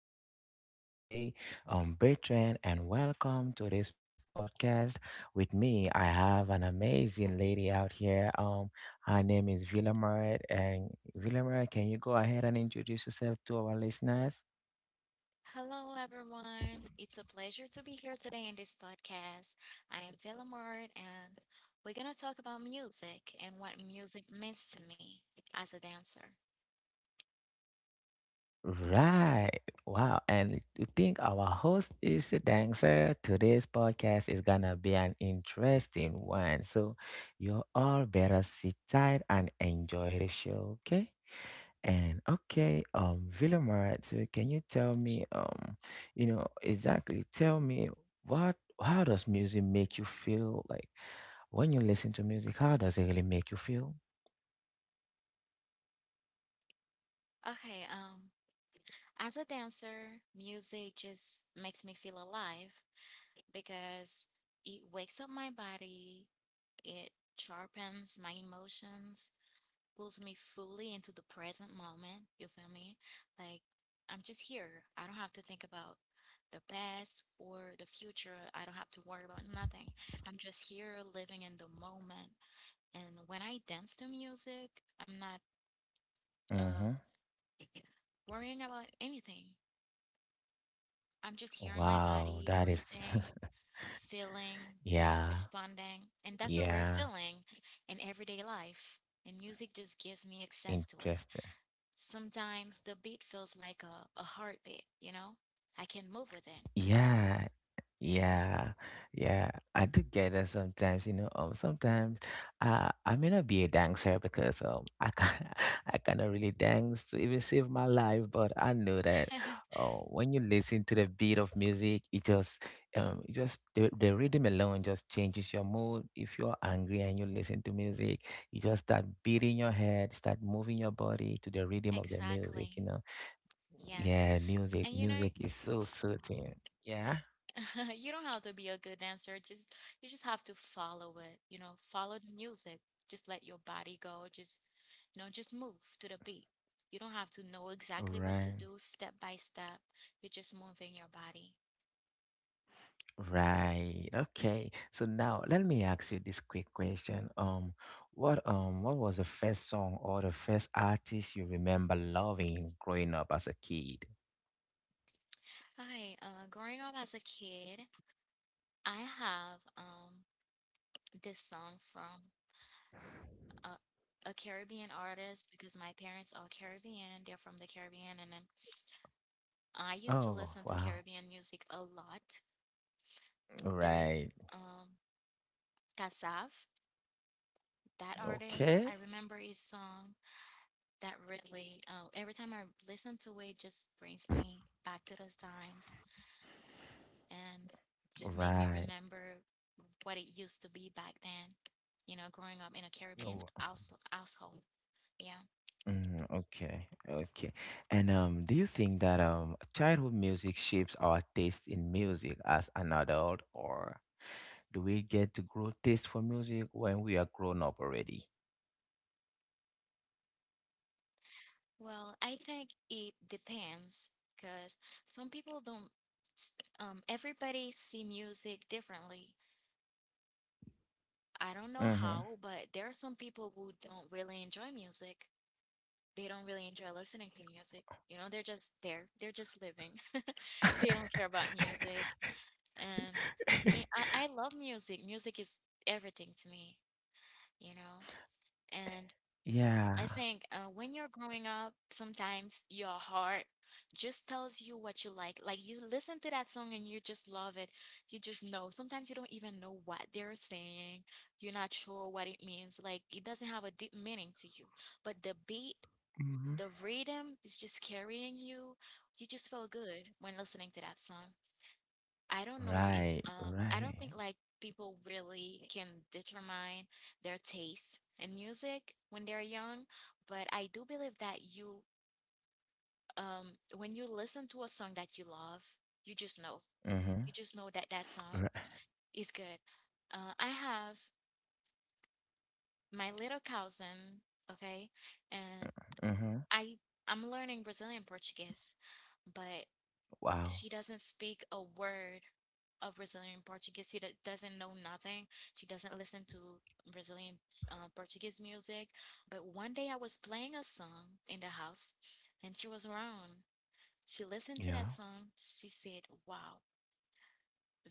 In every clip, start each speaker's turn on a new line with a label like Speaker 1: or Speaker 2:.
Speaker 1: I'm your host today, Bertrand, and welcome to this podcast. With me, I have an amazing lady out here. Her name is Villamart, and Villamart, can you go ahead and introduce yourself to our listeners? Right. Wow. And to think our host is a dancer, today's podcast is gonna be an interesting one. So you all better sit tight and enjoy the show, okay? And okay, Villamara, so can you tell me, you know, exactly tell me what, how does music make you feel? Like when you listen to music, how does it really make you feel? Mm-hmm. Wow, that is, yeah, yeah, interesting. Yeah, yeah, yeah, I do get that sometimes, you know. Sometimes I may not be a dancer because I can I cannot really dance to even save my life, but I know that when you listen to the beat of music, it just the rhythm alone just changes your mood. If you're angry and you listen to music, you just start beating your head, start moving your body to the rhythm of the music, you know. Yeah, music is so soothing. Yeah, right. Right. Okay. So now let me ask you this quick question. What was the first song or the first artist you remember loving growing up as a kid? Oh, wow. Right. Okay. Right. Oh, mm, okay. Okay. And do you think that childhood music shapes our taste in music as an adult, or do we get to grow taste for music when we are grown up already? Mm-hmm. Yeah. Mhm. Right, right. Mhm. Ri mhm. Wow. Yeah.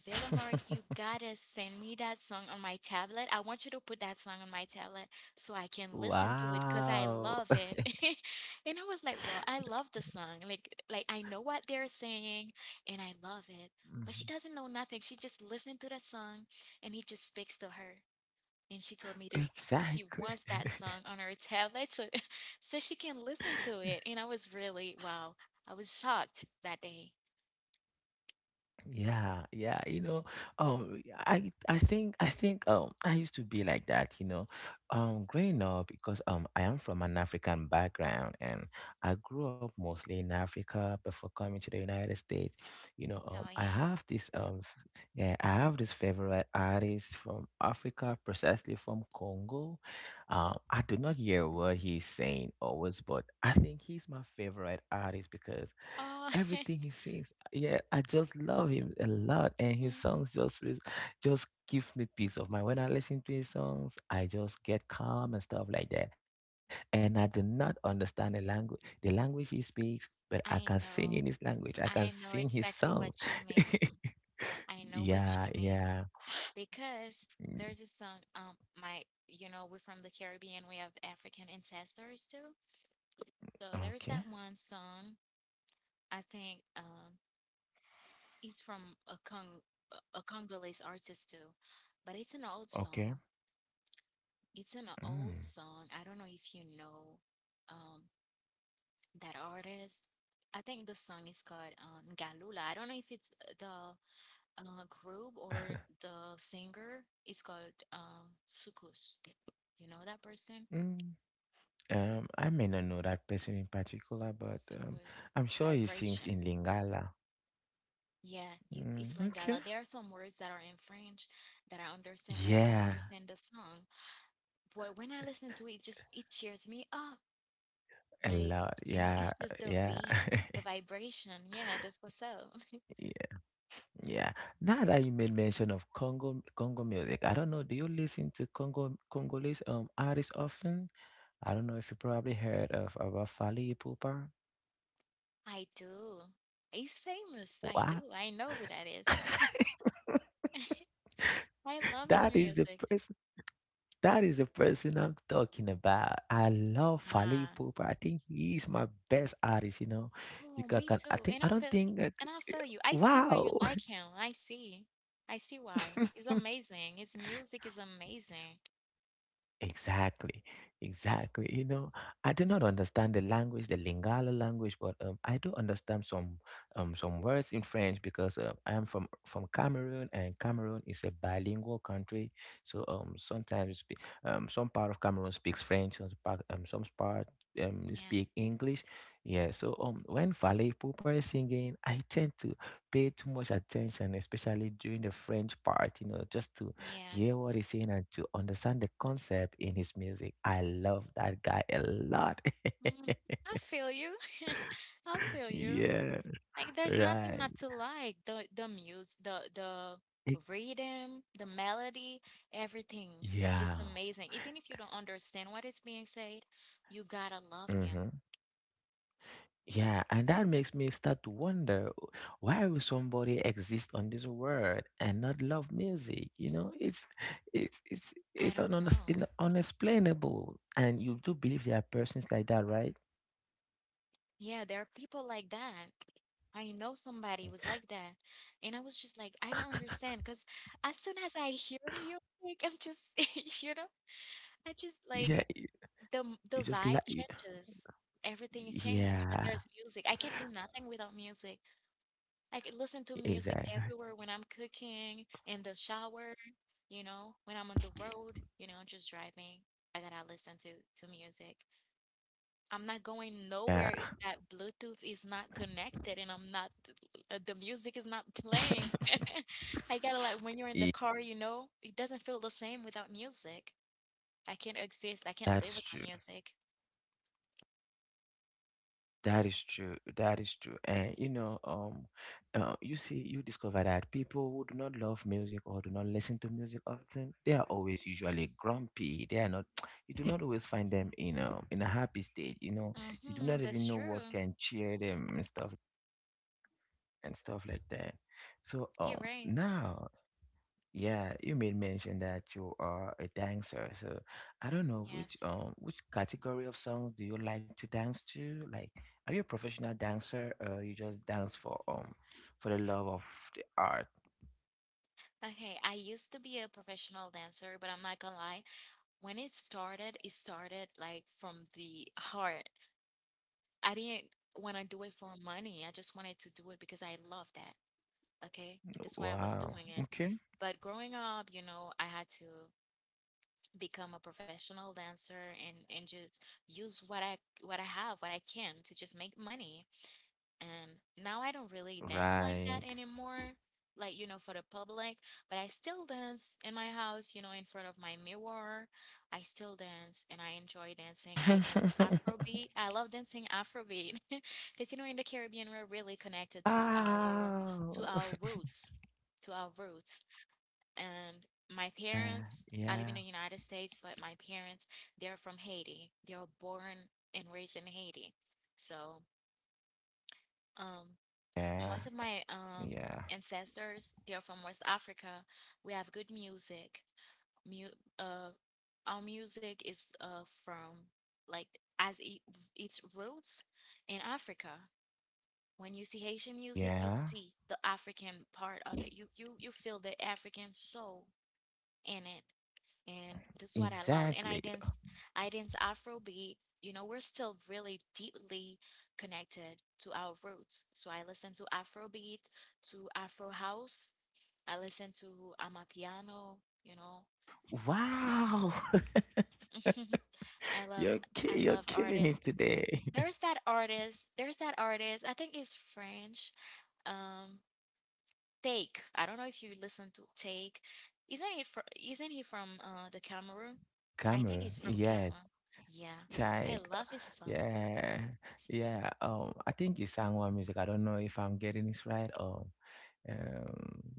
Speaker 1: Wow. Mhm. Exactly. Yeah, yeah, you know, I think I used to be like that, you know, growing up because I am from an African background and I grew up mostly in Africa before coming to the United States. You know, I have this f- yeah, I have this favorite artist from Africa, precisely from Congo. I do not hear what he's saying always, but I think he's my favorite artist because everything he sings, yeah, I just love him a lot, and his just gives me peace of mind. When I listen to his songs, I just get calm and stuff like that. And I do not understand the language he speaks, but I can sing in his language. I can sing his songs. Yeah, yeah. Okay, okay. Mm. Mm. I may not know that person in particular, but I'm sure he sings in Lingala. Mm, okay. Yeah, a lot. Yeah, yeah, yeah, yeah. Now that you made mention of Congo, Congo music, I don't know. Do you listen to Congo Congolese artists often? I don't know if you probably heard of about Fally Ipupa. Wow, that is the person. That is the person I'm talking about. I love Fally Ipupa. I think he is my best artist, you know. You can I think I don't think wow. Exactly, exactly. You know, I do not understand the language, the Lingala language, but I do understand some words in French because I am from Cameroon, and Cameroon is a bilingual country. So sometimes we some part of Cameroon speaks French, some part they speak English. Yeah. So when Valet Pupa is singing, I tend to pay too much attention, especially during the French part. You know, just to hear what he's saying and to understand the concept in his music. I love that guy a lot. Yeah, right. It- yeah. Hmm. Yeah, and that makes me start to wonder, "Oh, why will somebody exist on this world and not love music?" You know, it's it's it's unexplainable. And you do believe there are persons like that, right? Yeah, you just like yeah, exactly. Yeah. Yeah, that's true. That is true. That is true. And you know, you see, you discover that people who do not love music or do not listen to music often, they are always usually grumpy. They are not. You do not always find them in a happy state. You know, you do not even know what can cheer them and stuff like that. So now, yeah, you made mention that you are a dancer. So I don't know which category of songs do you like to dance to? Like, are you a professional dancer or you just dance for the love of the art? Wow. Okay. Right. Wow. Yeah, yeah, yeah, yeah, yeah. Exactly. Wow. You're killing it today. Camera. Yes. Like, yeah, yeah. I think he sang one music. I don't know if I'm getting this right. Um,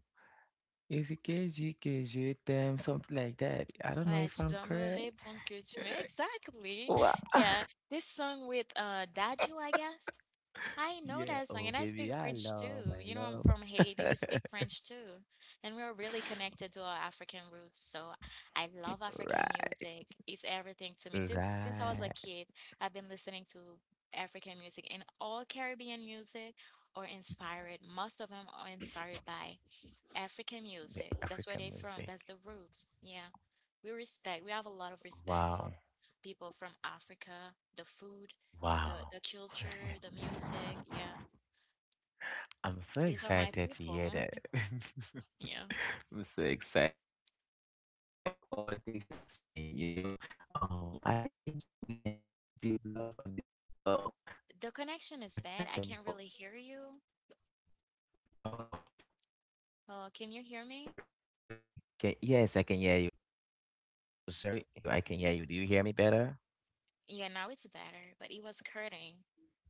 Speaker 1: is it KG, them, something like that. I don't know if I'm correct. Wha- yeah. Oh, baby, I love, I love. Right, right. African music. Wow, wow. I'm so excited to hear that. I'm so excited to hear all the things you're saying. You know, I didn't think you really have this deep love and this deep attraction before. Oh, sorry. Can you? Can yes, I can hear you. I can hear you. Do you hear me better?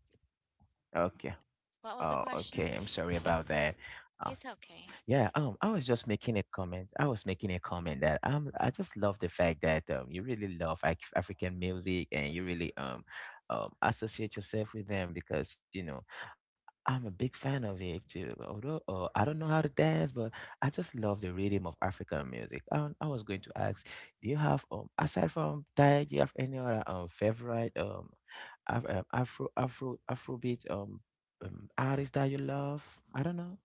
Speaker 1: Okay. Oh, okay. I'm sorry about that. Yeah, I was just making a comment. I was making a comment that I just love the fact that you really love African music and you really associate yourself with them because you know I'm a big fan of it too. Although I don't know how to dance, but I just love the rhythm of African music. I was going to ask, do you have aside from Thai, do you have any other favorite Afrobeat artist that you love? I don't know.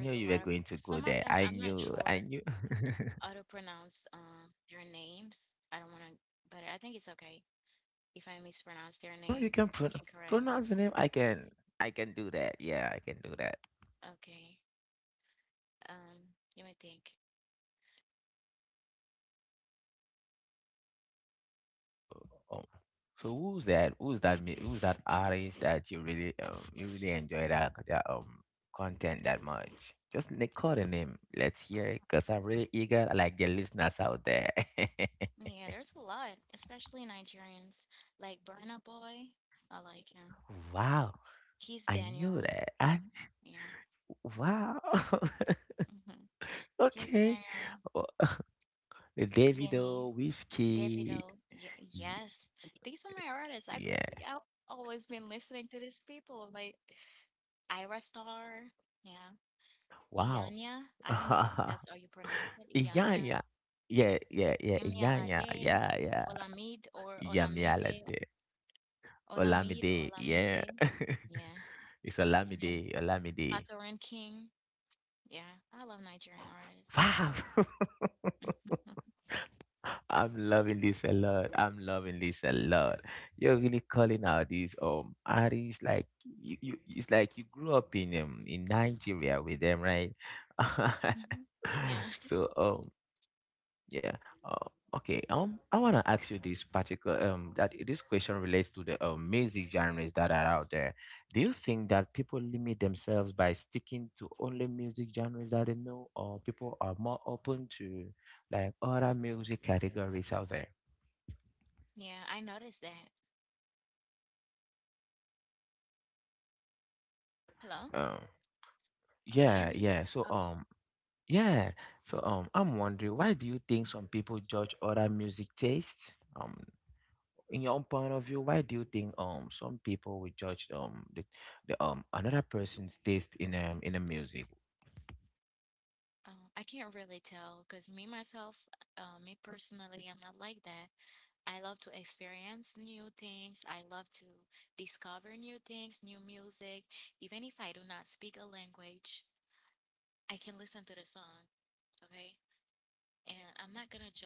Speaker 1: Knew you were going to go there. I knew. I knew. Oh, pronounce the name. I can. I can do that. Yeah, I can do that. Um, so who's that? Who's that artist that you really enjoy that content that much? Call the name. Let's hear it, cause I'm really eager. Like the listeners out there. Wow, I knew that. I wow. Okay, oh, the Davido, Whiskey. Wow. İnyanya. Yeah, yeah, yeah. İnyanya. Yeah, yeah. Yamyalade. Olamide. Yeah. It's Olamide. Olamide. Wow. I'm loving this a lot. I'm loving this a lot. You're really calling out these artists like you it's like you grew up in Nigeria with them, right? So yeah. Uh, okay. I wanna ask you this particular that this question relates to the music genres that are out there. Do you think that people limit themselves by sticking to only music genres that they know, or people are more open to like other music categories out there? Um, yeah, yeah. So yeah. So I'm wondering why do you think some people judge other music tastes? In your own point of view, why do you think some people would judge the another person's taste in the music?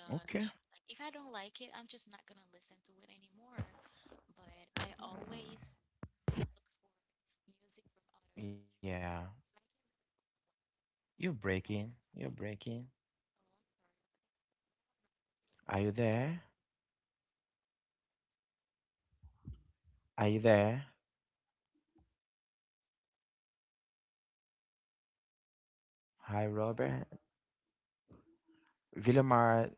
Speaker 1: Okay, yeah, you're breaking, you're breaking. Are you there? Are you there? Hi, Robert. Villamar,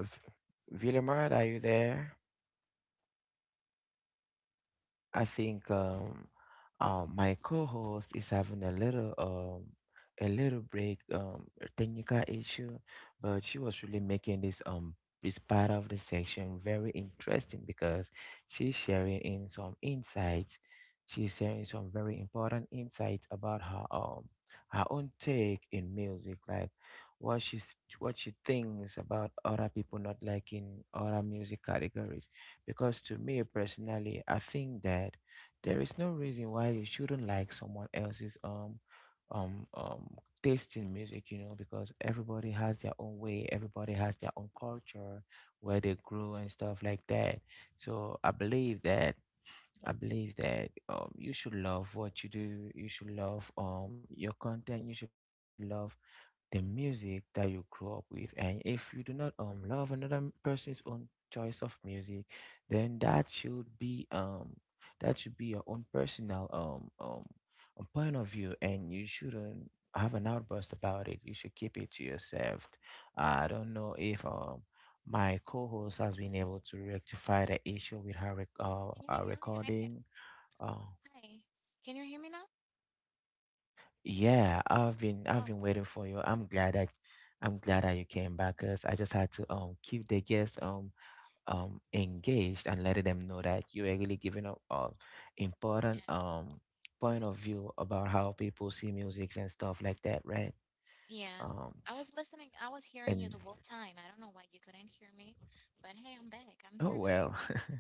Speaker 1: V- Villamar, are you there? I think my co-host is having a little break technical issue, but she was really making this this part of the section very interesting because she's sharing in some insights. She's sharing some very important insights about her her own take in music, like what she what she thinks about other people not liking other music categories. Because to me personally, I think that there is no reason why you shouldn't like someone else's um um taste in music, you know, because everybody has their own way, everybody has their own culture, where they grew and stuff like that. So I believe that you should love what you do, you should love your content, you should love the music that you grew up with. And if you do not love another person's own choice of music, then that should be your own personal point of view, and you shouldn't have an outburst about it. You should keep it to yourself. I don't know if. My co-host has been able to rectify the issue with her, recording. Um, Yeah, I've been waiting for you. I'm glad that you came back because I just had to keep the guests engaged and letting them know that you are really giving up a important point of view about how people see music and stuff like that, right? Um and Oh well.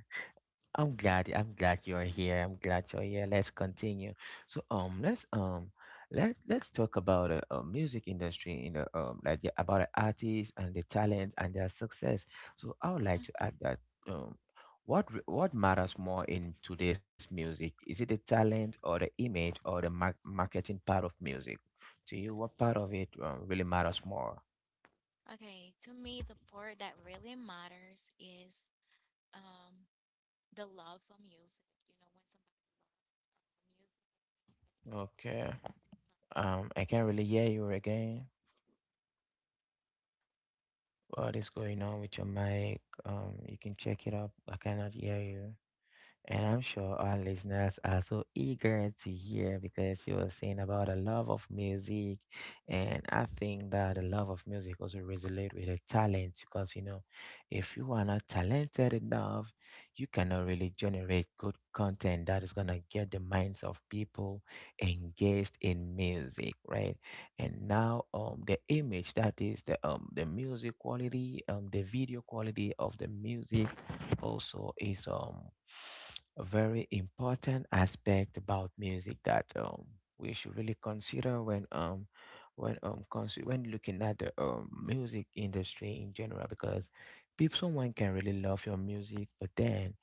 Speaker 1: I'm glad you're here. I'm glad you're here. Let's continue. So let's let's talk about the music industry in the about the artists and the talent and their success. So I would like to add that um what matters more in today's music? Is it the talent or the image or the marketing part of music? To you, what part of it really matters more? Okay. I can't really hear you again. What is going on with your mic? You can check it up. I cannot hear you. And I'm sure our listeners are so eager to hear because you were saying about a love of music. And I think that the love of music also resonate with the talent because, you know, if you are not talented enough, you cannot really generate good content that is going to get the minds of people engaged in music, right? And now, the image, that is the music quality, the video quality of the music also is a very important aspect about music that we should really consider when when looking at the music industry in general. Because people someone can really love your music, but then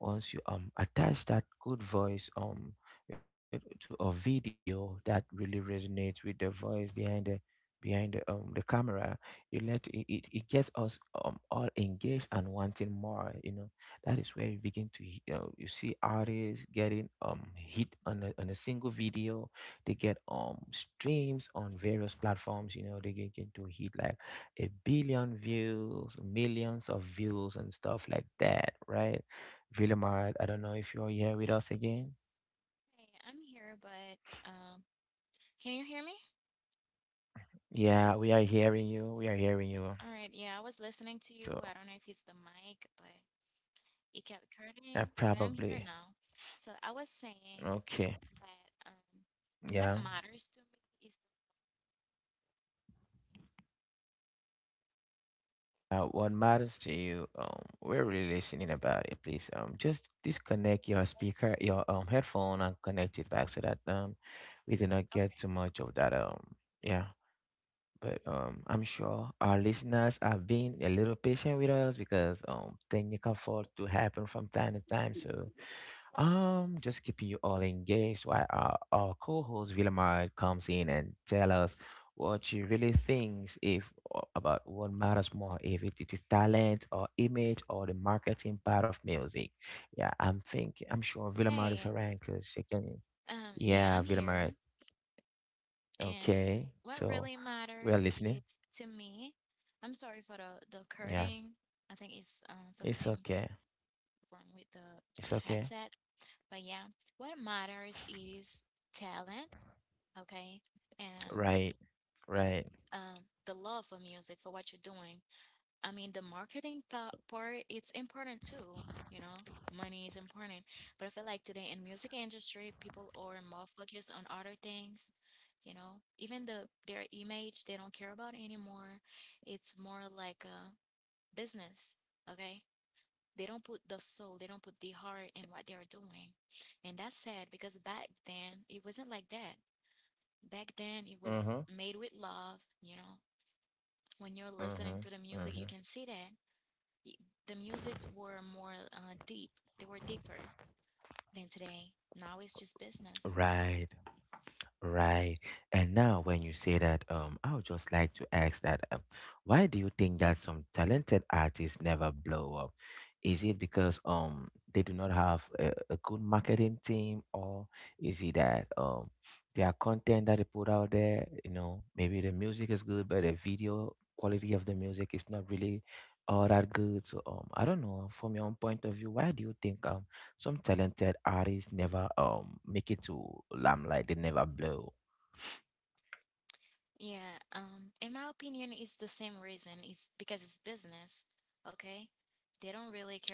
Speaker 1: once you attach that good voice to a video that really resonates with the voice behind the the camera, it let it, it, it gets us all engaged and wanting more, you know. That is where you begin to you see artists getting hit on a single video. They get streams on various platforms. You know, they get into hit like a billion views, millions of views and stuff like that, right? Villamard, I don't know if you're here with us again. Yeah, we are hearing you. We are hearing you. So, I probably. Okay. Yeah. What matters to you. We're really listening about it. Please, just disconnect your speaker, your headphone, and connect it back so that we do not get too much of that. Yeah. But I'm sure our listeners have been a little patient with us because technical fault do happen from time to time. So just keeping you all engaged while our co-host Villamar comes in and tell us what she really thinks if o- about what matters more, if it is talent or image or the marketing part of music. Yeah, I'm thinking, I'm sure Villamar is around because she can, yeah, Villamar. Okay. So we are listening. Yeah. It's okay. It's okay. Right. Right. Mm-hmm. Mm-hmm. Mm-hmm. Right. Right. And now, when you say that, I would just like to ask that, why do you think that some talented artists never blow up? Is it because they do not have a good marketing team, or is it that their content that they put out there, you know, maybe the music is good, but the video quality of the music is not really all that good. So I don't know. From your own point of view, why do you think some talented artists never make it to limelight. They never blow.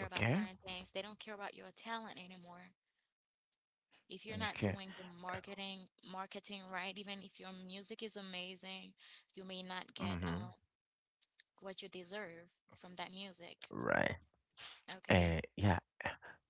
Speaker 1: Okay. Okay. Mm-hmm. Right. And yeah,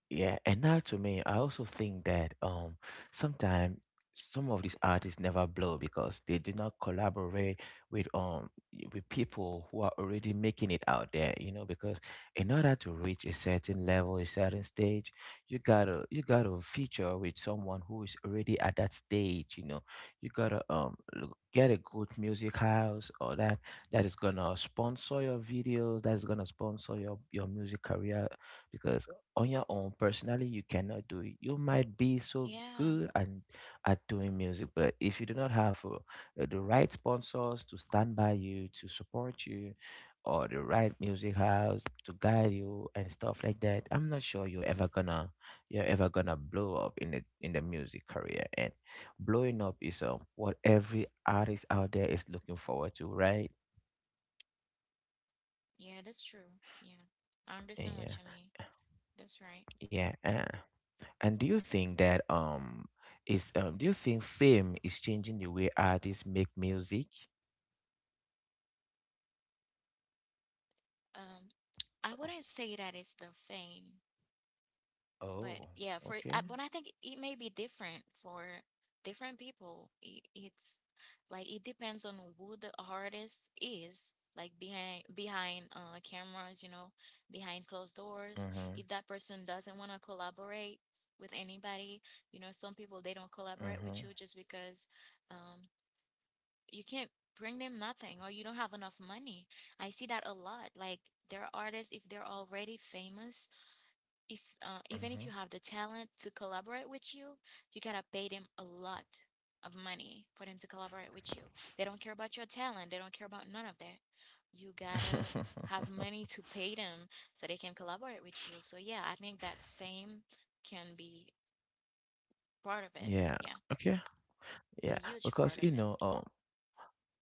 Speaker 1: yeah. And now to me, I also think that sometimes some of these artists never blow because they did not collaborate with um with people who are already making it out there, you know, because in order to reach a certain level, a certain stage, you gotta feature with someone who is already at that stage, you know. You gotta get a good music house, or that that is gonna sponsor your videos, that is gonna sponsor your music career. Because on your own, personally, you cannot do it. You might be so good and at doing music, but if you do not have the right sponsors to stand by you, to support you, or the right music house to guide you and stuff like that, I'm not sure you're ever gonna blow up in the music career. And blowing up is what every artist out there is looking forward to, right? And yeah, yeah, uh, and do you think that is do you think fame is changing the way artists make music? Oh, okay. Mm-hmm. Mm-hmm. Mm-hmm. Yeah. Okay. Yeah. Because you know,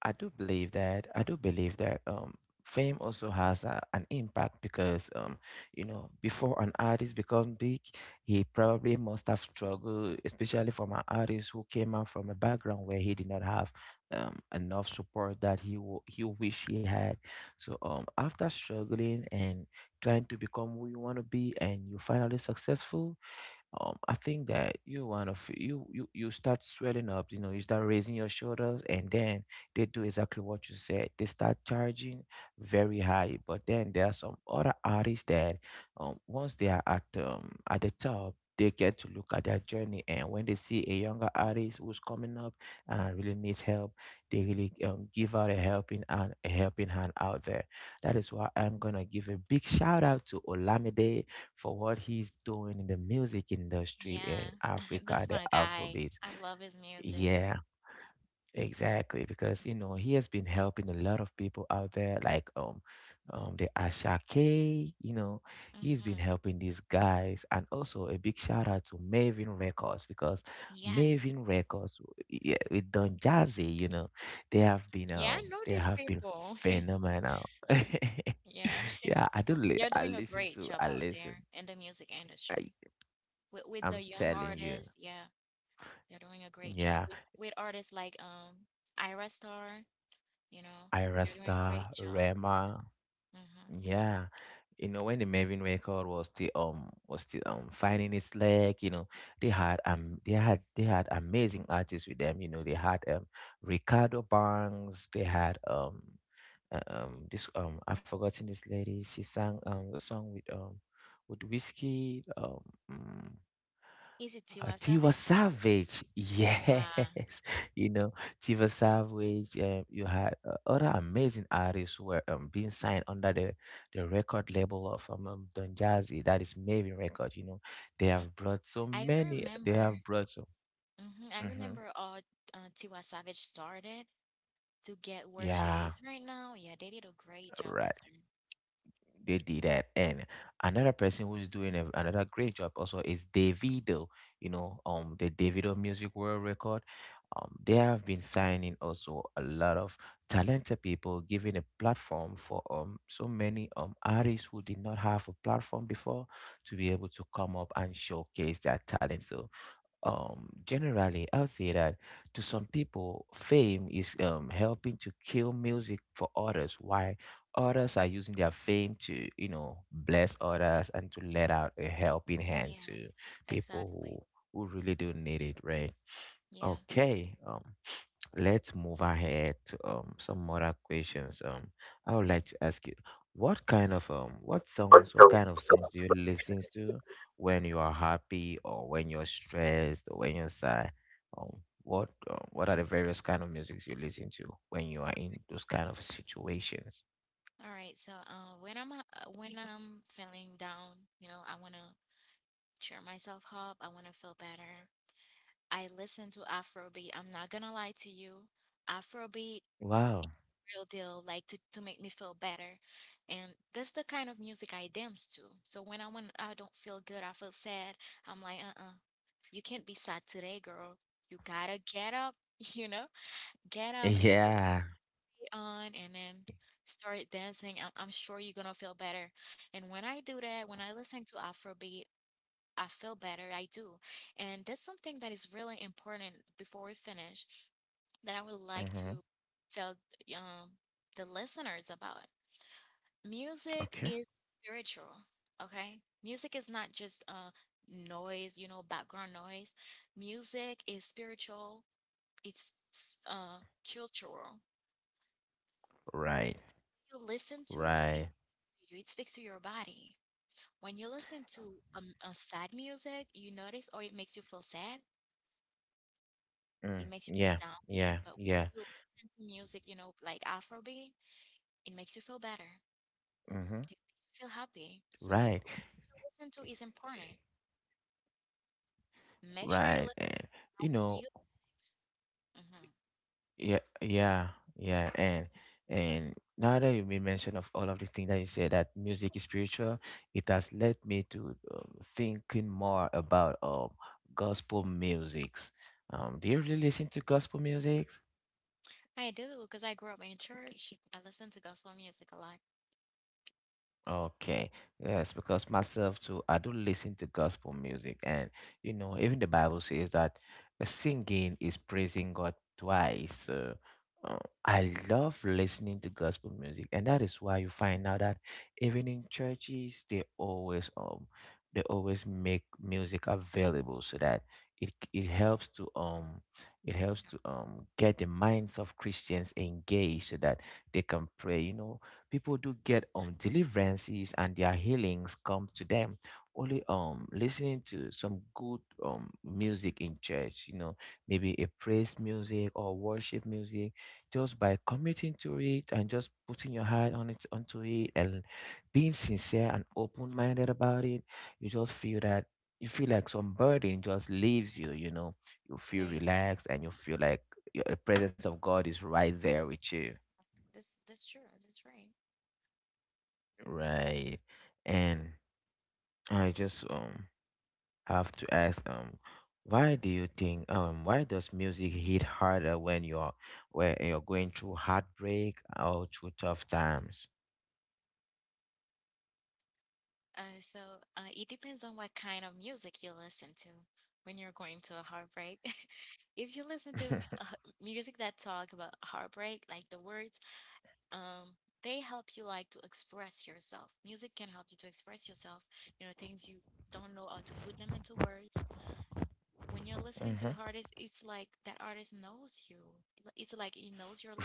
Speaker 1: I do believe that. I do believe that, fame also has an impact because, you know, before an artist becomes big, he probably must have struggled, especially from an artist who came out from a background where he did not have enough support that he wish he had. So after struggling and trying to become who you want to be, and you finally successful, I think that you start swelling up, you know, you start raising your shoulders, and then they do exactly what you said. They start charging very high, but then there are some other artists that, once they are at the top, they get to look at their journey, and when they see a younger artist who's coming up and really needs help, they really give out a helping hand out there. That is why I'm gonna give a big shout out to Olamide for what he's doing in the music industry in Africa, the Afrobeat. Yeah, exactly. Because you know he has been helping a lot of people out there, like the Ashake. You know, he's been helping these guys, and also a big shout out to Maven Records. Because Maven Records yeah, with Don Jazzy. You know, they have been phenomenal. Yeah, I do. I listen to. I listen. I'm telling you. Yeah. Irasta, Rema. Yeah. You know, when the Melvin record was still finding its leg, you know, they had amazing artists with them. You know, they had Ricardo Banks, they had this I've forgotten this lady. She sang the song with Whiskey, mm, Tiwa Savage, yes, you know Tiwa Savage. You had other amazing artists who were, being signed under the record label of Don Jazzy, that is Maven Record. You know, they have brought so many. They have brought so. Hmm. Yeah, right. They did that. And another person who's doing another great job also is Davido. You know, the Davido Music World Record. They have been signing also a lot of talented people, giving a platform for so many artists who did not have a platform before to be able to come up and showcase their talent. So generally, I would say that to some people, fame is helping to kill music for others, why others are using their fame to, you know, bless others and to let out a helping hand to people who really do need it, right? Okay. Let's move ahead to some more questions. I would like to ask you, what kind of what kind of songs do you listen to when you are happy, or when you're stressed, or when you're sad? Um, what are the various kind of musics you listen to when you are in those kind of situations? Wow. Yeah. Mm-hmm. Okay. Right. Right. Mm. Yeah. Yeah. Yeah. Mm-hmm. Right. Right. And you know, yeah, yeah, yeah, and now that you made mention of all of these things, that you said that music is spiritual, it has led me to, thinking more about gospel musics. Do you really listen to gospel music? Okay, yes, because myself too, I do listen to gospel music. And you know, even the Bible says that, singing is praising God twice. So, uh, I love listening to gospel music, and that is why you find out that even in churches, they always make music available so that it helps to get the minds of Christians engaged so that they can pray. You know, people do get deliverances and their healings come to them only listening to some good music in church, you know, maybe a praise music or worship music, just by committing to it and just putting your heart on it onto it and being sincere and open-minded about it. You just feel that you feel like some burden just leaves you, you know. You feel relaxed and you feel like the presence of God is right there with you. Right. And I just have to ask, why do you think, why does music hit harder when you're going through heartbreak or through tough times? Hmm.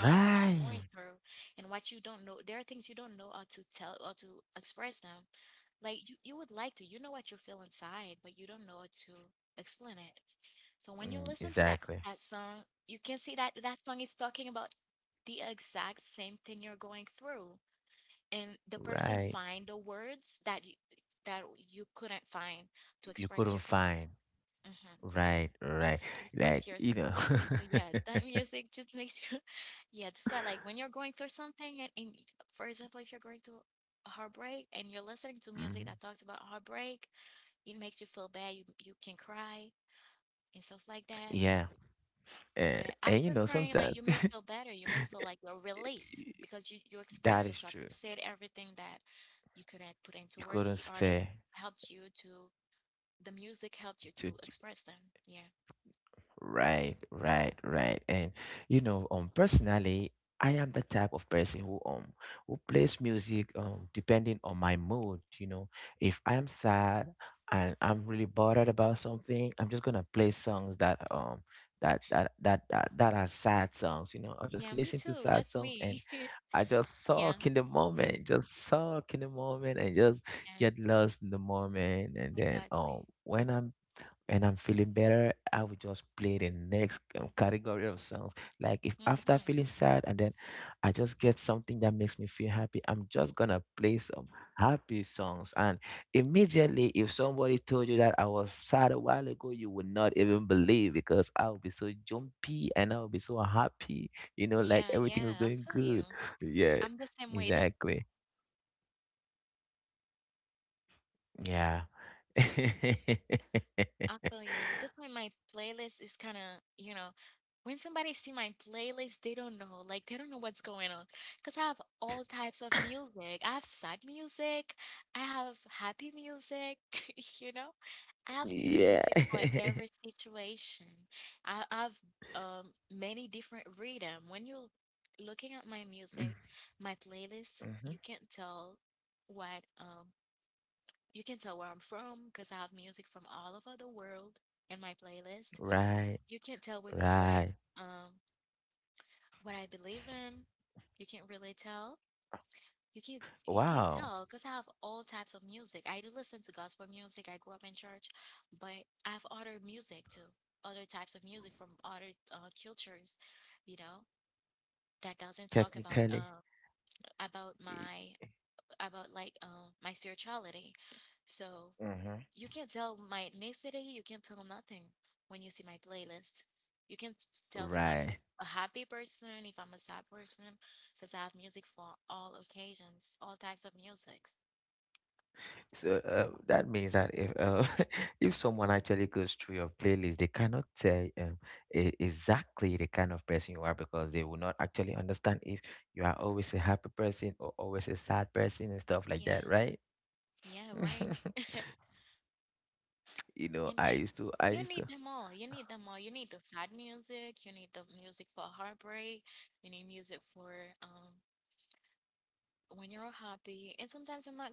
Speaker 1: Right. Mm, exactly. Right. You couldn't find. Right, right. Like, you know. Mhm. Yeah. And you know, sometimes, that is true. You couldn't say to. Right, right, right. And you know, personally, I am the type of person who plays music depending on my mood, you know. If I'm sad and I'm really bothered about something, I'm just gonna play songs that are sad songs, you know. I just listen to sad songs and I just sulk in the moment, just sulk in the moment and just get lost in the moment. And then when I'm and I'm feeling better, I will just play the next category of songs. Like if after feeling sad and then I just get something that makes me feel happy, I'm just gonna play some happy songs. And immediately, if somebody told you that I was sad a while ago, you would not even believe because I will be so jumpy and I will be so happy. You know, like everything is going good. Yeah, exactly. Yeah. yeah. Mhm. Right, right. Wow. Technically, mm-hmm. Right. So that means that if if someone actually goes through your playlist, they cannot tell, exactly the kind of person you are because they will not actually understand if you are always a happy person or always a sad person and stuff like that, right? You know, I used to,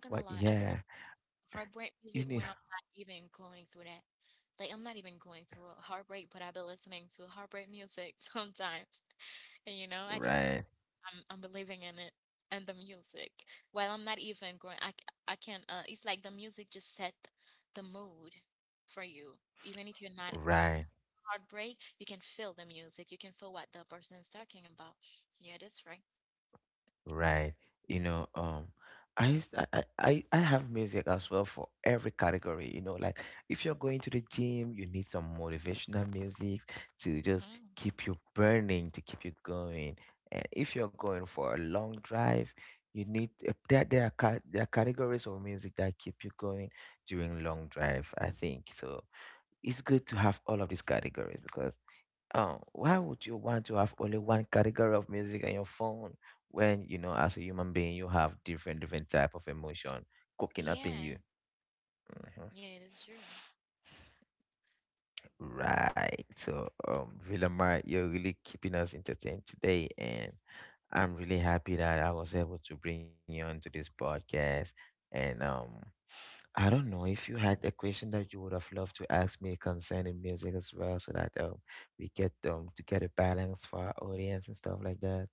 Speaker 1: what? Yeah, you need, right, right. Right. You know, I used I have music as well for every category. You know, like if you're going to the gym, you need some motivational music to just keep you burning, to keep you going. And if you're going for a long drive, you need there are categories of music that keep you going during long drive, I think. So it's good to have all of these categories. Because, oh, why would you want to have only one category of music on your phone when, you know, as a human being, you have different type of emotion cooking up in you? Hmm. Right. So, Villamar, you're really keeping us entertained today, and I'm really happy that I was able to bring you onto this podcast. And I don't know if you had a question that you would have loved to ask me concerning music as well, so that we get to get a balance for our audience and stuff like that.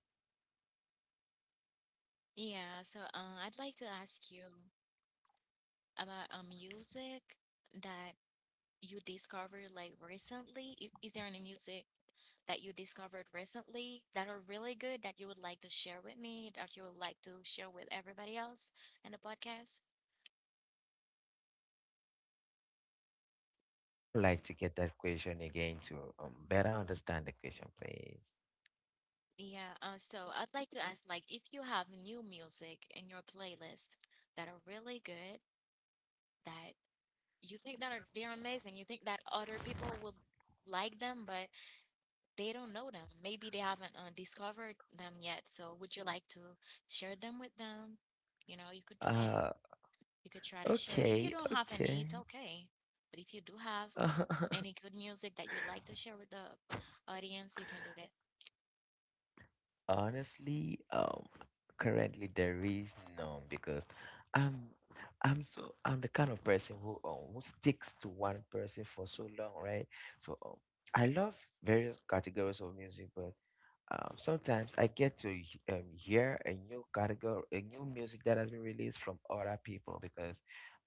Speaker 1: I'd like to get that question again to better understand the question, please. Uh, okay, okay. Honestly, currently there is none because I'm I'm the kind of person who sticks to one person for so long, right? So I love various categories of music, but sometimes I get to hear a new category, a new music that has been released from other people because,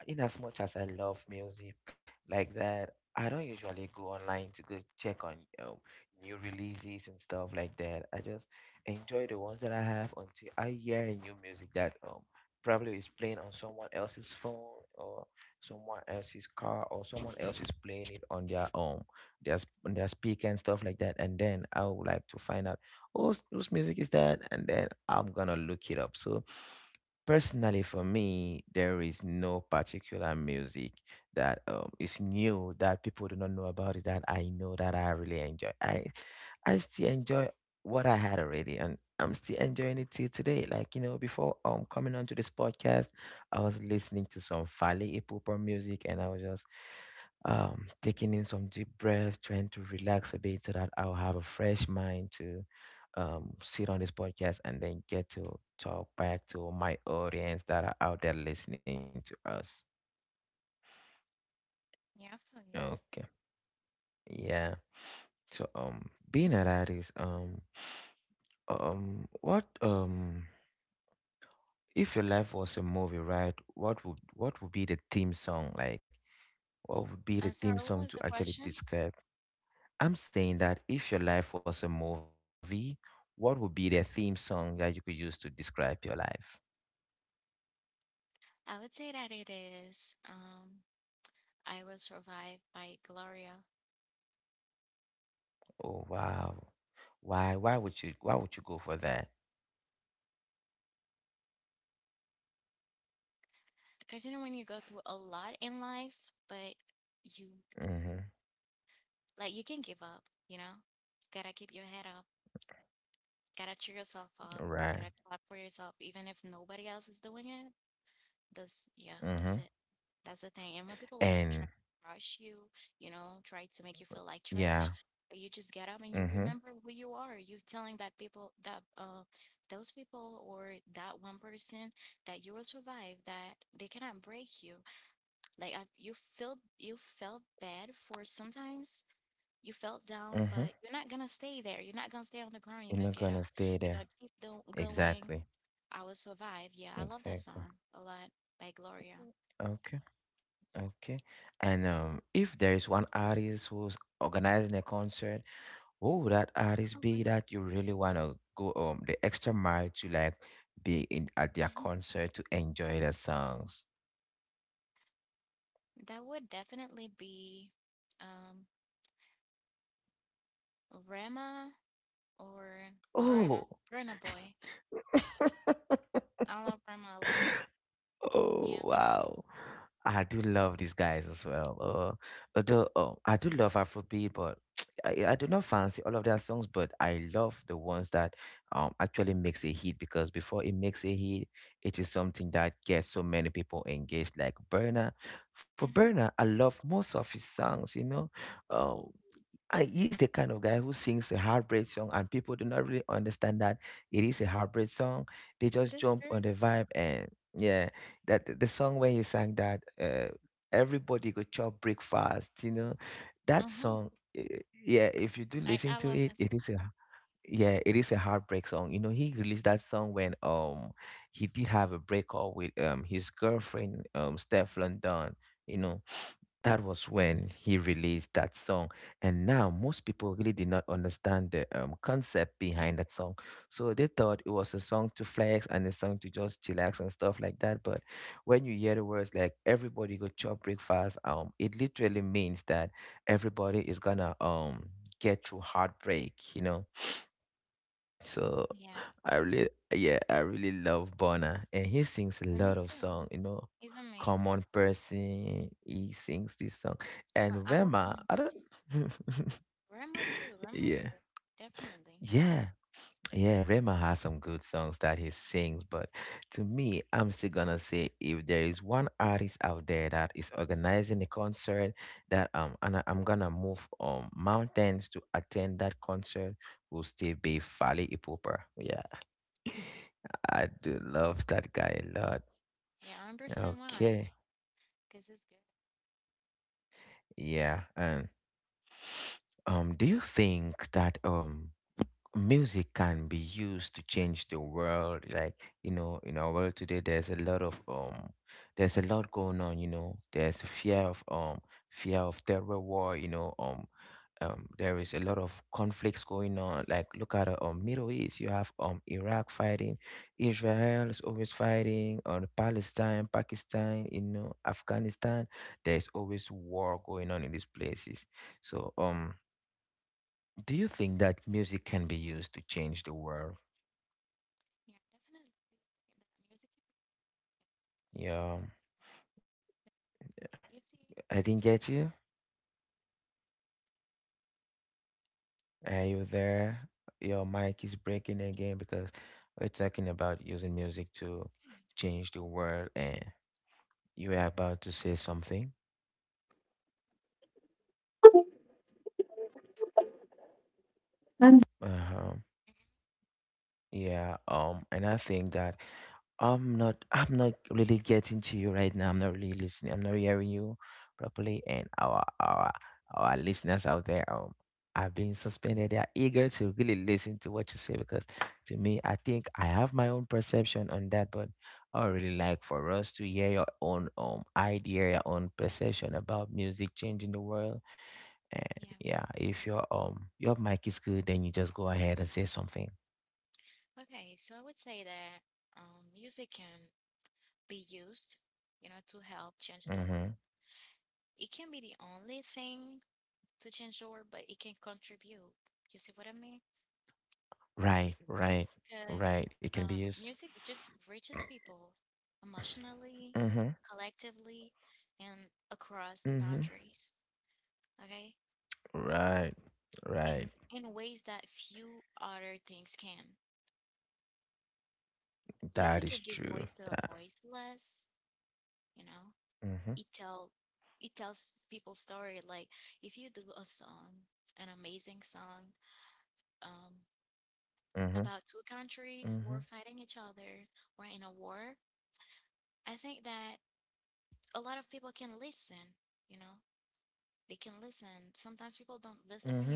Speaker 1: in as much as I love music like that, I don't usually go online to go check on, um, new releases and stuff like that. I just enjoy the ones that I have until I hear a new music that probably is playing on someone else's phone or someone else's car or someone else is playing it on their on their speaker and stuff like that. And then I would like to find out, whose music is that? And then I'm gonna look it up. So personally for me, there is no particular music that, is new that people do not know about it that I know that I really enjoy. I still enjoy what I had already and I'm still enjoying it till today. Like, you know, before coming onto this podcast, I was listening to some Fally Ipupa music and I was just taking in some deep breaths, trying to relax a bit so that I'll have a fresh mind to sit on this podcast and then get to talk back to my audience that are out there listening to us. Okay. Yeah. So being an artist, what if your life was a movie, right? What would be the theme song like? What would be the theme song to actually describe? I'm saying that if your life was a movie, what would be the theme song that you could use to describe your life? Oh wow. Why would you go for that? Mhm. Right. Mhm. And yeah. Mhm. Mhm. You're not gonna stay there. Exactly. Exactly. Okay. Okay. And if there is one artist who's organizing a concert, who would that artist be that you really wanna go the extra mile to like be in at their concert to enjoy their songs? Oh. Oh wow. I do love these guys as well. Although I do love Afrobeat, but I do not fancy all of their songs. But I love the ones that actually makes a hit because before it makes a hit, it is something that gets so many people engaged. Like Burner, for Burner, I love most of his songs. You know, um. He's the kind of guy who sings a heartbreak song, and people do not really understand that it is a heartbreak song. They just jump on the vibe, and yeah, that the song when he sang that, everybody go chop breakfast. You know, that song. Yeah, if you do listen to it, it is a, yeah, it is a heartbreak song. You know, he released that song when he did have a breakup with his girlfriend, Steph London. You know, that was when he released that song. And now most people really did not understand the, concept behind that song. So they thought it was a song to flex and a song to just chillax and stuff like that. But when you hear the words like everybody go chop breakfast, it literally means that everybody is gonna get through heartbreak, you know. So I really, yeah, I really love Bona, and he sings a lot of song. You know, Common Person. He sings this song, and Rema. I don't. yeah, yeah, yeah. Rema has some good songs that he sings, but to me, I'm still gonna say if there is one artist out there that is organizing a concert that, and I'm gonna move mountains to attend that concert, will still be Fally Ipupa. Yeah. I do love that guy a lot. Okay. Yeah. And do you think that music can be used to change the world? Like, you know, in our world today, there's a lot of there's a lot going on, you know. There's a fear of terror, war, you know. There is a lot of conflicts going on, like, look at the, Middle East. You have Iraq fighting, Israel is always fighting on Palestine, Pakistan, you know, Afghanistan. There's always war going on in these places. So do you think that music can be used to change the world? Yeah, I didn't get you. Are you there? Your mic is breaking again because we're talking about using music to change the world, and you were about to say something. Uh huh. Yeah, and I think that I'm not really getting to you right now. I'm not really listening. I'm not hearing you properly. And our listeners out there have been suspended. They are eager to really listen to what you say because to me I think I have my own perception on that, but I would really like for us to hear your own idea, your own perception about music changing the world. And yeah, if your mic is good then you just go ahead and say something. Mm-hmm. Right, right, right. It can be used. Mm-hmm. Mm-hmm. Right, right. That is true. That. Mm-hmm. Mm-hmm. Mm-hmm. Mm-hmm.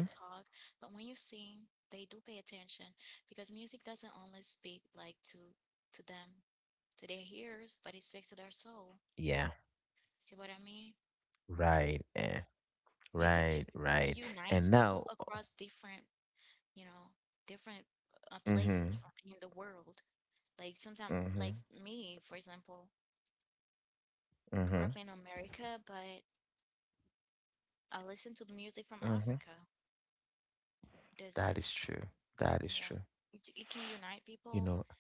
Speaker 1: Yeah. Right. Eh. Right. Right. And now. Mm-hmm. Mm-hmm. Mm-hmm. Mm-hmm. That is true. That is true. You know.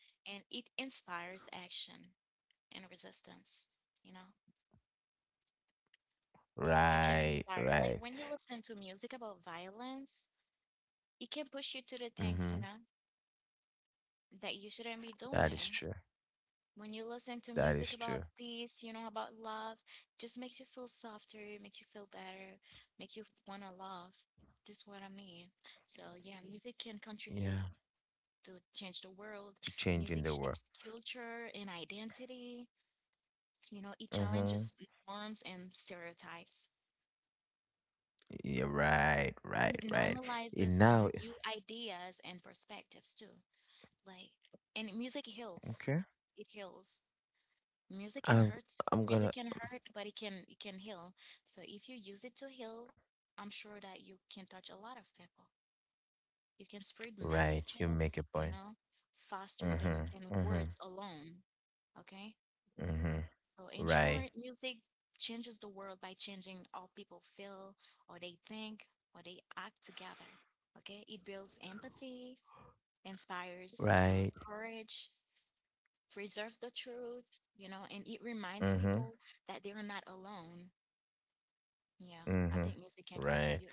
Speaker 1: Right. Right. Mm-hmm. That is true. That is true. Yeah. To change in the world. Mm-hmm. Yeah. Right. Right. Right. And now. Okay. I'm I'm gonna right. You make a point. Mhm. Mhm. Mhm. Right, right, mhm, mhm, right.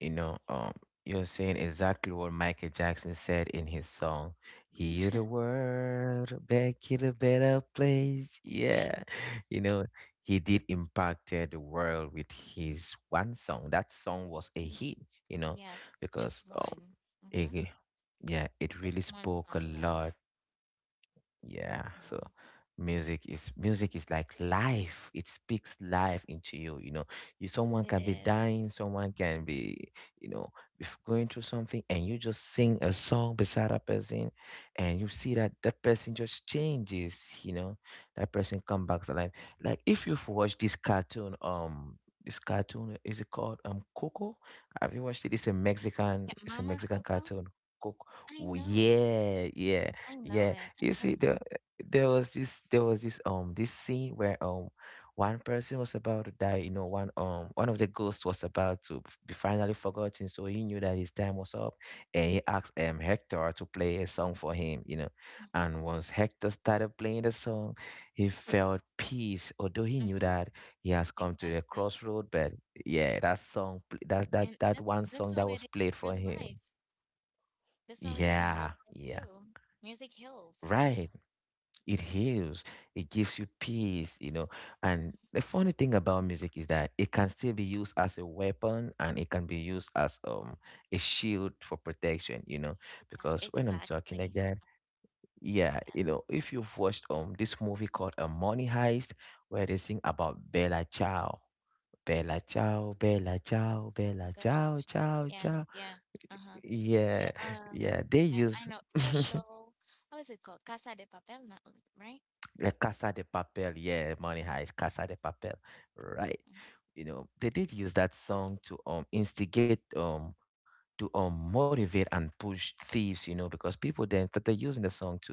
Speaker 1: You know, um, you're saying exactly what Michael Jackson said in his song. Hear the world back in a better place. Yeah, you know, he did impacted the world with his one song. That song was a hit. You know, because um, it, yeah, it really spoke a lot. Yeah, so music is like life. It speaks life into you. You someone can be dying, someone can be, you know, if going through something, and you just sing a song beside a person, and you see that that person just changes. You know, that person come back to life. Like if you've watched this cartoon is it called Coco? Have you watched it? It's a Mexican cartoon. Coco. Well, yeah, yeah. Yeah, you see, there there was this this scene where one person was about to die. You know, one of the ghosts was about to be finally forgotten, so he knew that his time was up, and he asked Hector to play a song for him. You know, and once Hector started playing the song, he felt peace, although he knew that he has come to the crossroad. But yeah, that song, that one song that was played for him. Yeah, yeah, right, it heals, it gives you peace, you know. And the funny thing about music is that it can still be used as a weapon, and it can be used as a shield for protection, you know, because when I'm talking again, yeah, you know, if you've watched this movie called a Money Heist, where they sing about Bella Ciao. Bella Ciao, Bella Ciao, Bella Ciao, Ciao Ciao. Yeah, yeah, they use. Yeah, Casa de Papel. Yeah, Money Heist, Casa de Papel. Right. You know, they did use that song to instigate, to motivate and push thieves, you know, because people then started using the song to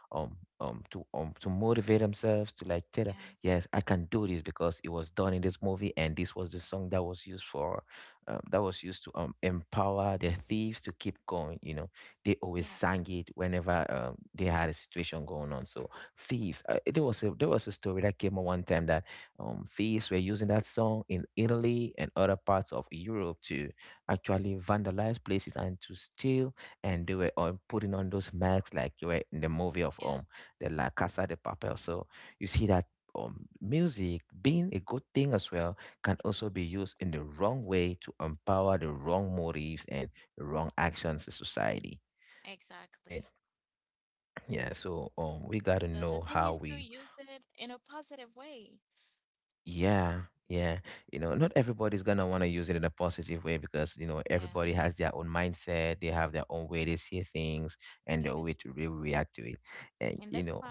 Speaker 1: um to motivate themselves, to like tell them, yes, I can do this because it was done in this movie, and this was the song that was used for that was used to empower the thieves to keep going, you know. They always sang it whenever they had a situation going on. So thieves. There was a story that came out one time that thieves were using that song in Italy and other parts of Europe to actually vandalize places and to steal. And they were on putting on those masks like you were in the movie of the La Casa de Papel. So you see that. Music being a good thing as well can also be used in the wrong way to empower the wrong motives and the wrong actions in society, right? Yeah, so we got to know how we. Yeah, yeah. You know, not everybody's gonna want to use it in a positive way because, you know, everybody has their own mindset, they have their own way they see things and their way to really react to it. And, you know,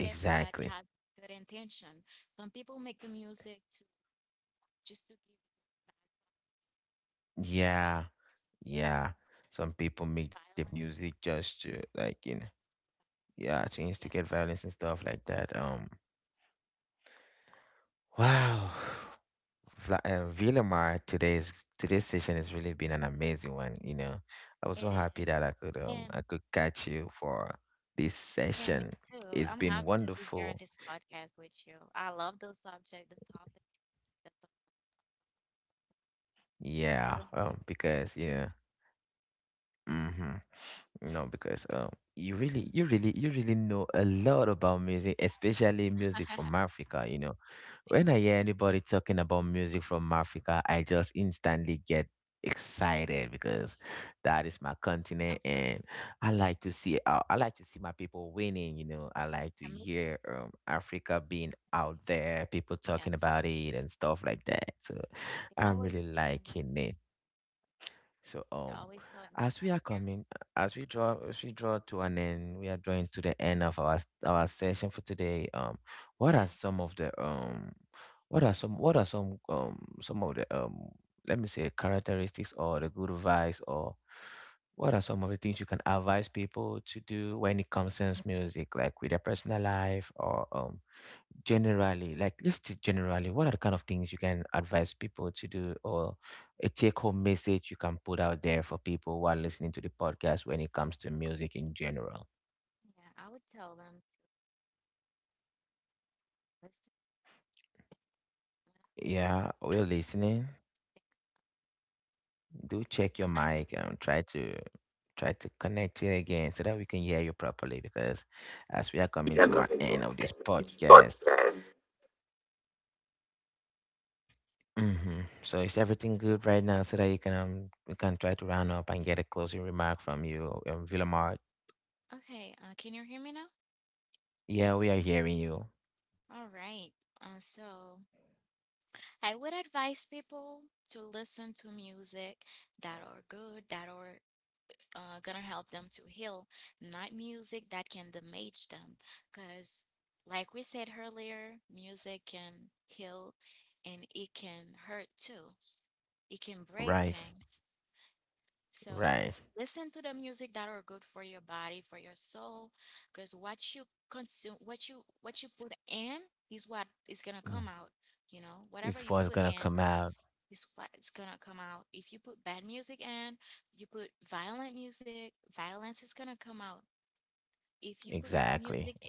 Speaker 1: exactly. Yeah, yeah. Some people make the music just to, like, you know, yeah, to instigate violence and stuff like that. Wow. Vilmar, today's session has really been an amazing one. You know, I was so happy that I could catch you for this session. It's been wonderful. Yeah, because you know, mm-hmm. No, because you really know a lot about music, especially music from Africa. You know, when I hear anybody talking about music from Africa, I just instantly get excited because that is my continent, and I like to see my people winning. You know, I like to hear Africa being out there, people talking about it and stuff like that. So I'm really liking it. So as we are coming, as we draw to an end, we are drawing to the end of our session for today. What are some of the what are some of the let me say characteristics or the good advice, or what are some of the things you can advise people to do when it concerns music, like with their personal life, or generally, like just generally, what are the kind of things you can advise people to do, or a take home message you can put out there for people who are listening to the podcast when it comes to music in general? Yeah, we're listening. Do check your mic and try to connect it again so that we can hear you properly, because as we are coming
Speaker 2: Yeah,
Speaker 1: to our
Speaker 2: nothing.
Speaker 1: end of this
Speaker 2: But
Speaker 1: podcast.
Speaker 2: then
Speaker 1: Hmm, so is everything good right now so that you can we can try to round up and get a closing remark from you Villamar? Yeah, we are hearing you. Right, right. Mm. It's what's gonna come out. Exactly,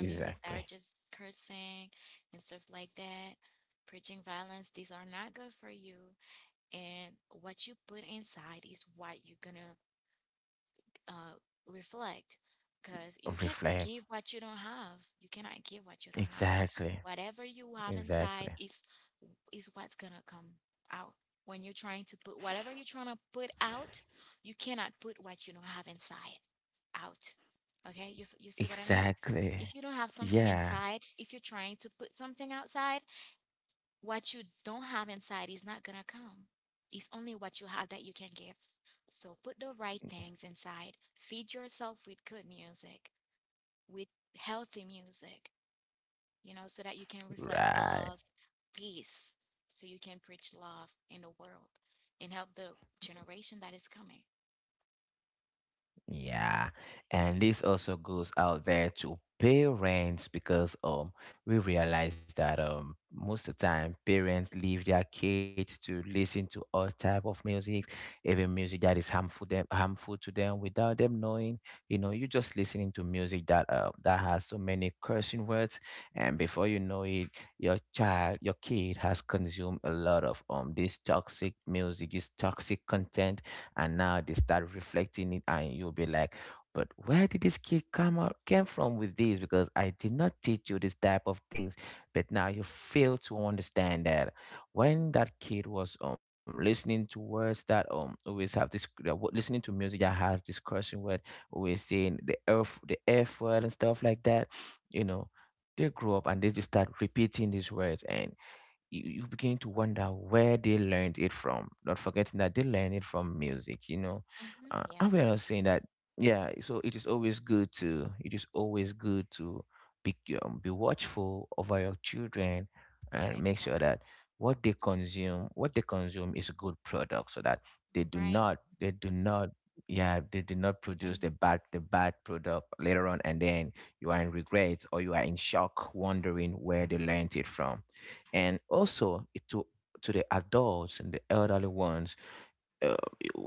Speaker 1: exactly. Reflect. Exactly, exactly, exactly. Yeah, right. Yeah, and this also goes out there to parents because we realize that most of the time parents leave their kids to listen to all type of music, even music that is harmful to them without them knowing. You know, you're just listening to music that that has so many cursing words, and before you know it, your kid has consumed a lot of this toxic music, this toxic content, and now they start reflecting it, and you'll be like, but where did this kid come out came from with this, because I did not teach you this type of things. But now you fail to understand that when that kid was listening to words that always have this that wa- listening to music that has this cursing word, always saying the earth, the F word and stuff like that, you know, they grow up and they just start repeating these words, and you begin to wonder where they learned it from, not forgetting that they learned it from music, you know. And we're not saying that, yeah, so it is always good to be, be watchful over your children and make sure that what they consume is a good product, so that they do not, yeah, they do not produce the bad product later on. And then you are in regret, or you are in shock wondering where they learned it from. And also it to the adults and the elderly ones. Uh,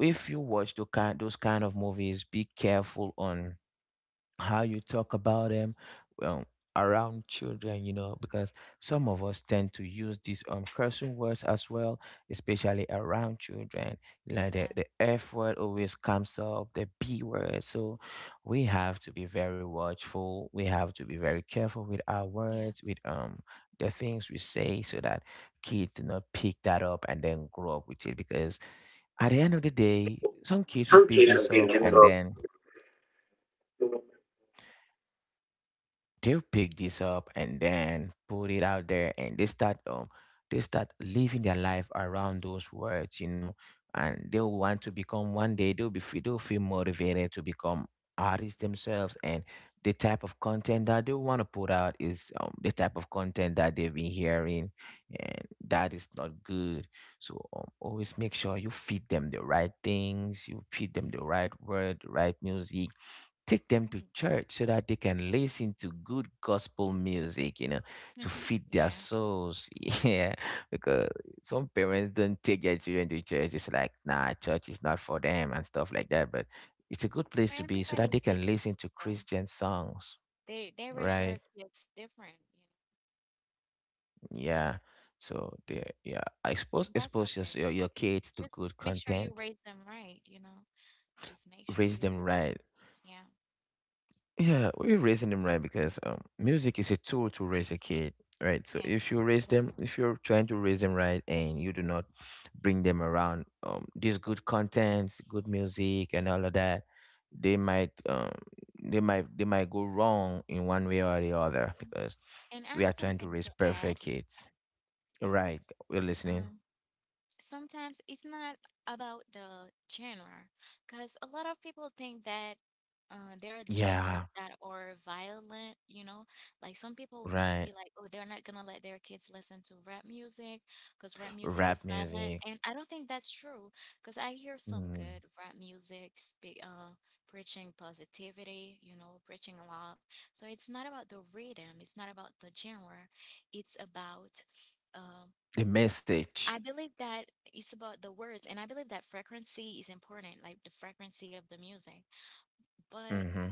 Speaker 1: if you watch those kind of movies, be careful on how you talk about them um, around children, you know, because some of us tend to use these cursing words as well, especially around children. Like the F word always comes up, the B word. So we have to be very watchful. We have to be very careful with our words, with the things we say, so that kids do not pick that up and then grow up with it, because at the end of the day, some kids will pick
Speaker 2: Turkey has
Speaker 1: this
Speaker 2: been
Speaker 1: up
Speaker 2: in
Speaker 1: and then they'll pick this up and then put it out there, and they start living their life around those words, you know, and they'll want to become, one day they'll be they'll feel motivated to become artists themselves, and the type of content that they want to put out is the type of content that they've been hearing, and that is not good. So always make sure you feed them the right things, you feed them the right word, the right music. Take them to church so that they can listen to good gospel music, you know, to feed their souls. Yeah, because some parents don't take their children to church. It's like, nah, church is not for them and stuff like that. But it's a good place to be so that they can listen to Christian songs, right? Yeah. So they, yeah, expose your kids to good content, raise them right. Yeah, we're raising them right because music is a tool to raise a kid, right? So if you raise them, if you're trying to raise them right, and you do not bring them around these good contents, good music, and all of that, they might they might go wrong in one way or the other, because we are trying to raise perfect kids, right? We're listening. Yeah, right. Rap music, mm. The message. Mm-hmm.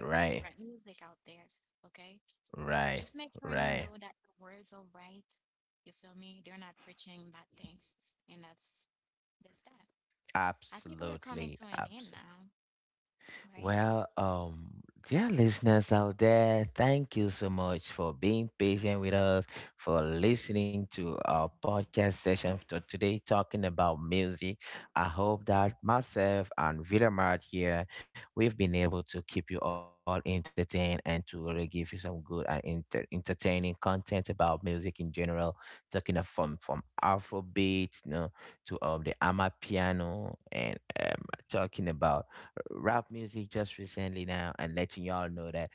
Speaker 1: Right, right, right. Absolutely, absolutely. Well, dear listeners out there, thank you so much for being patient with us, for listening to our podcast session for today talking about music. I hope that myself and Villamart here, we've been able to keep you all entertained and to really give you some good and entertaining content about music in general, talking of from Afrobeat, you know, to the Amapiano, and talking about rap music just recently now, and letting y'all know that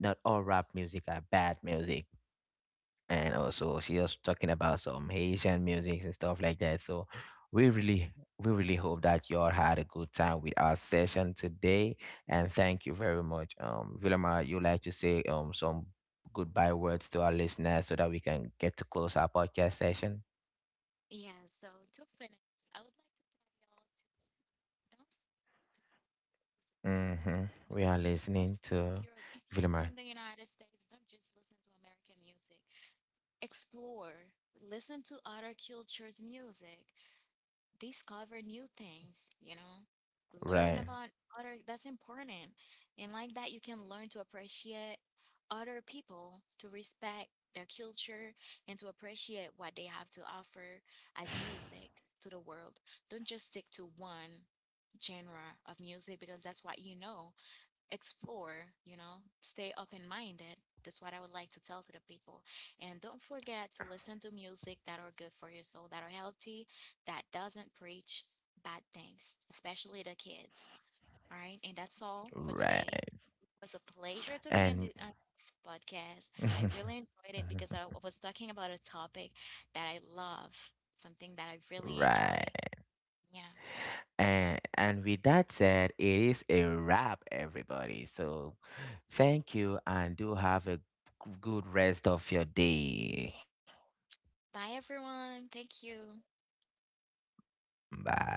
Speaker 1: not all rap music are bad music. And also she was talking about some Haitian music and stuff like that. So we really we really hope that y'all had a good time with our session today. And thank you very much. Vilma, you like to say some goodbye words to our listeners so that we can get to close our podcast session. Mm-hmm. We are listening to Vilma. Right. Right. And right. And with that said, it is a wrap, everybody. So thank you and do have a good rest of your day. Bye.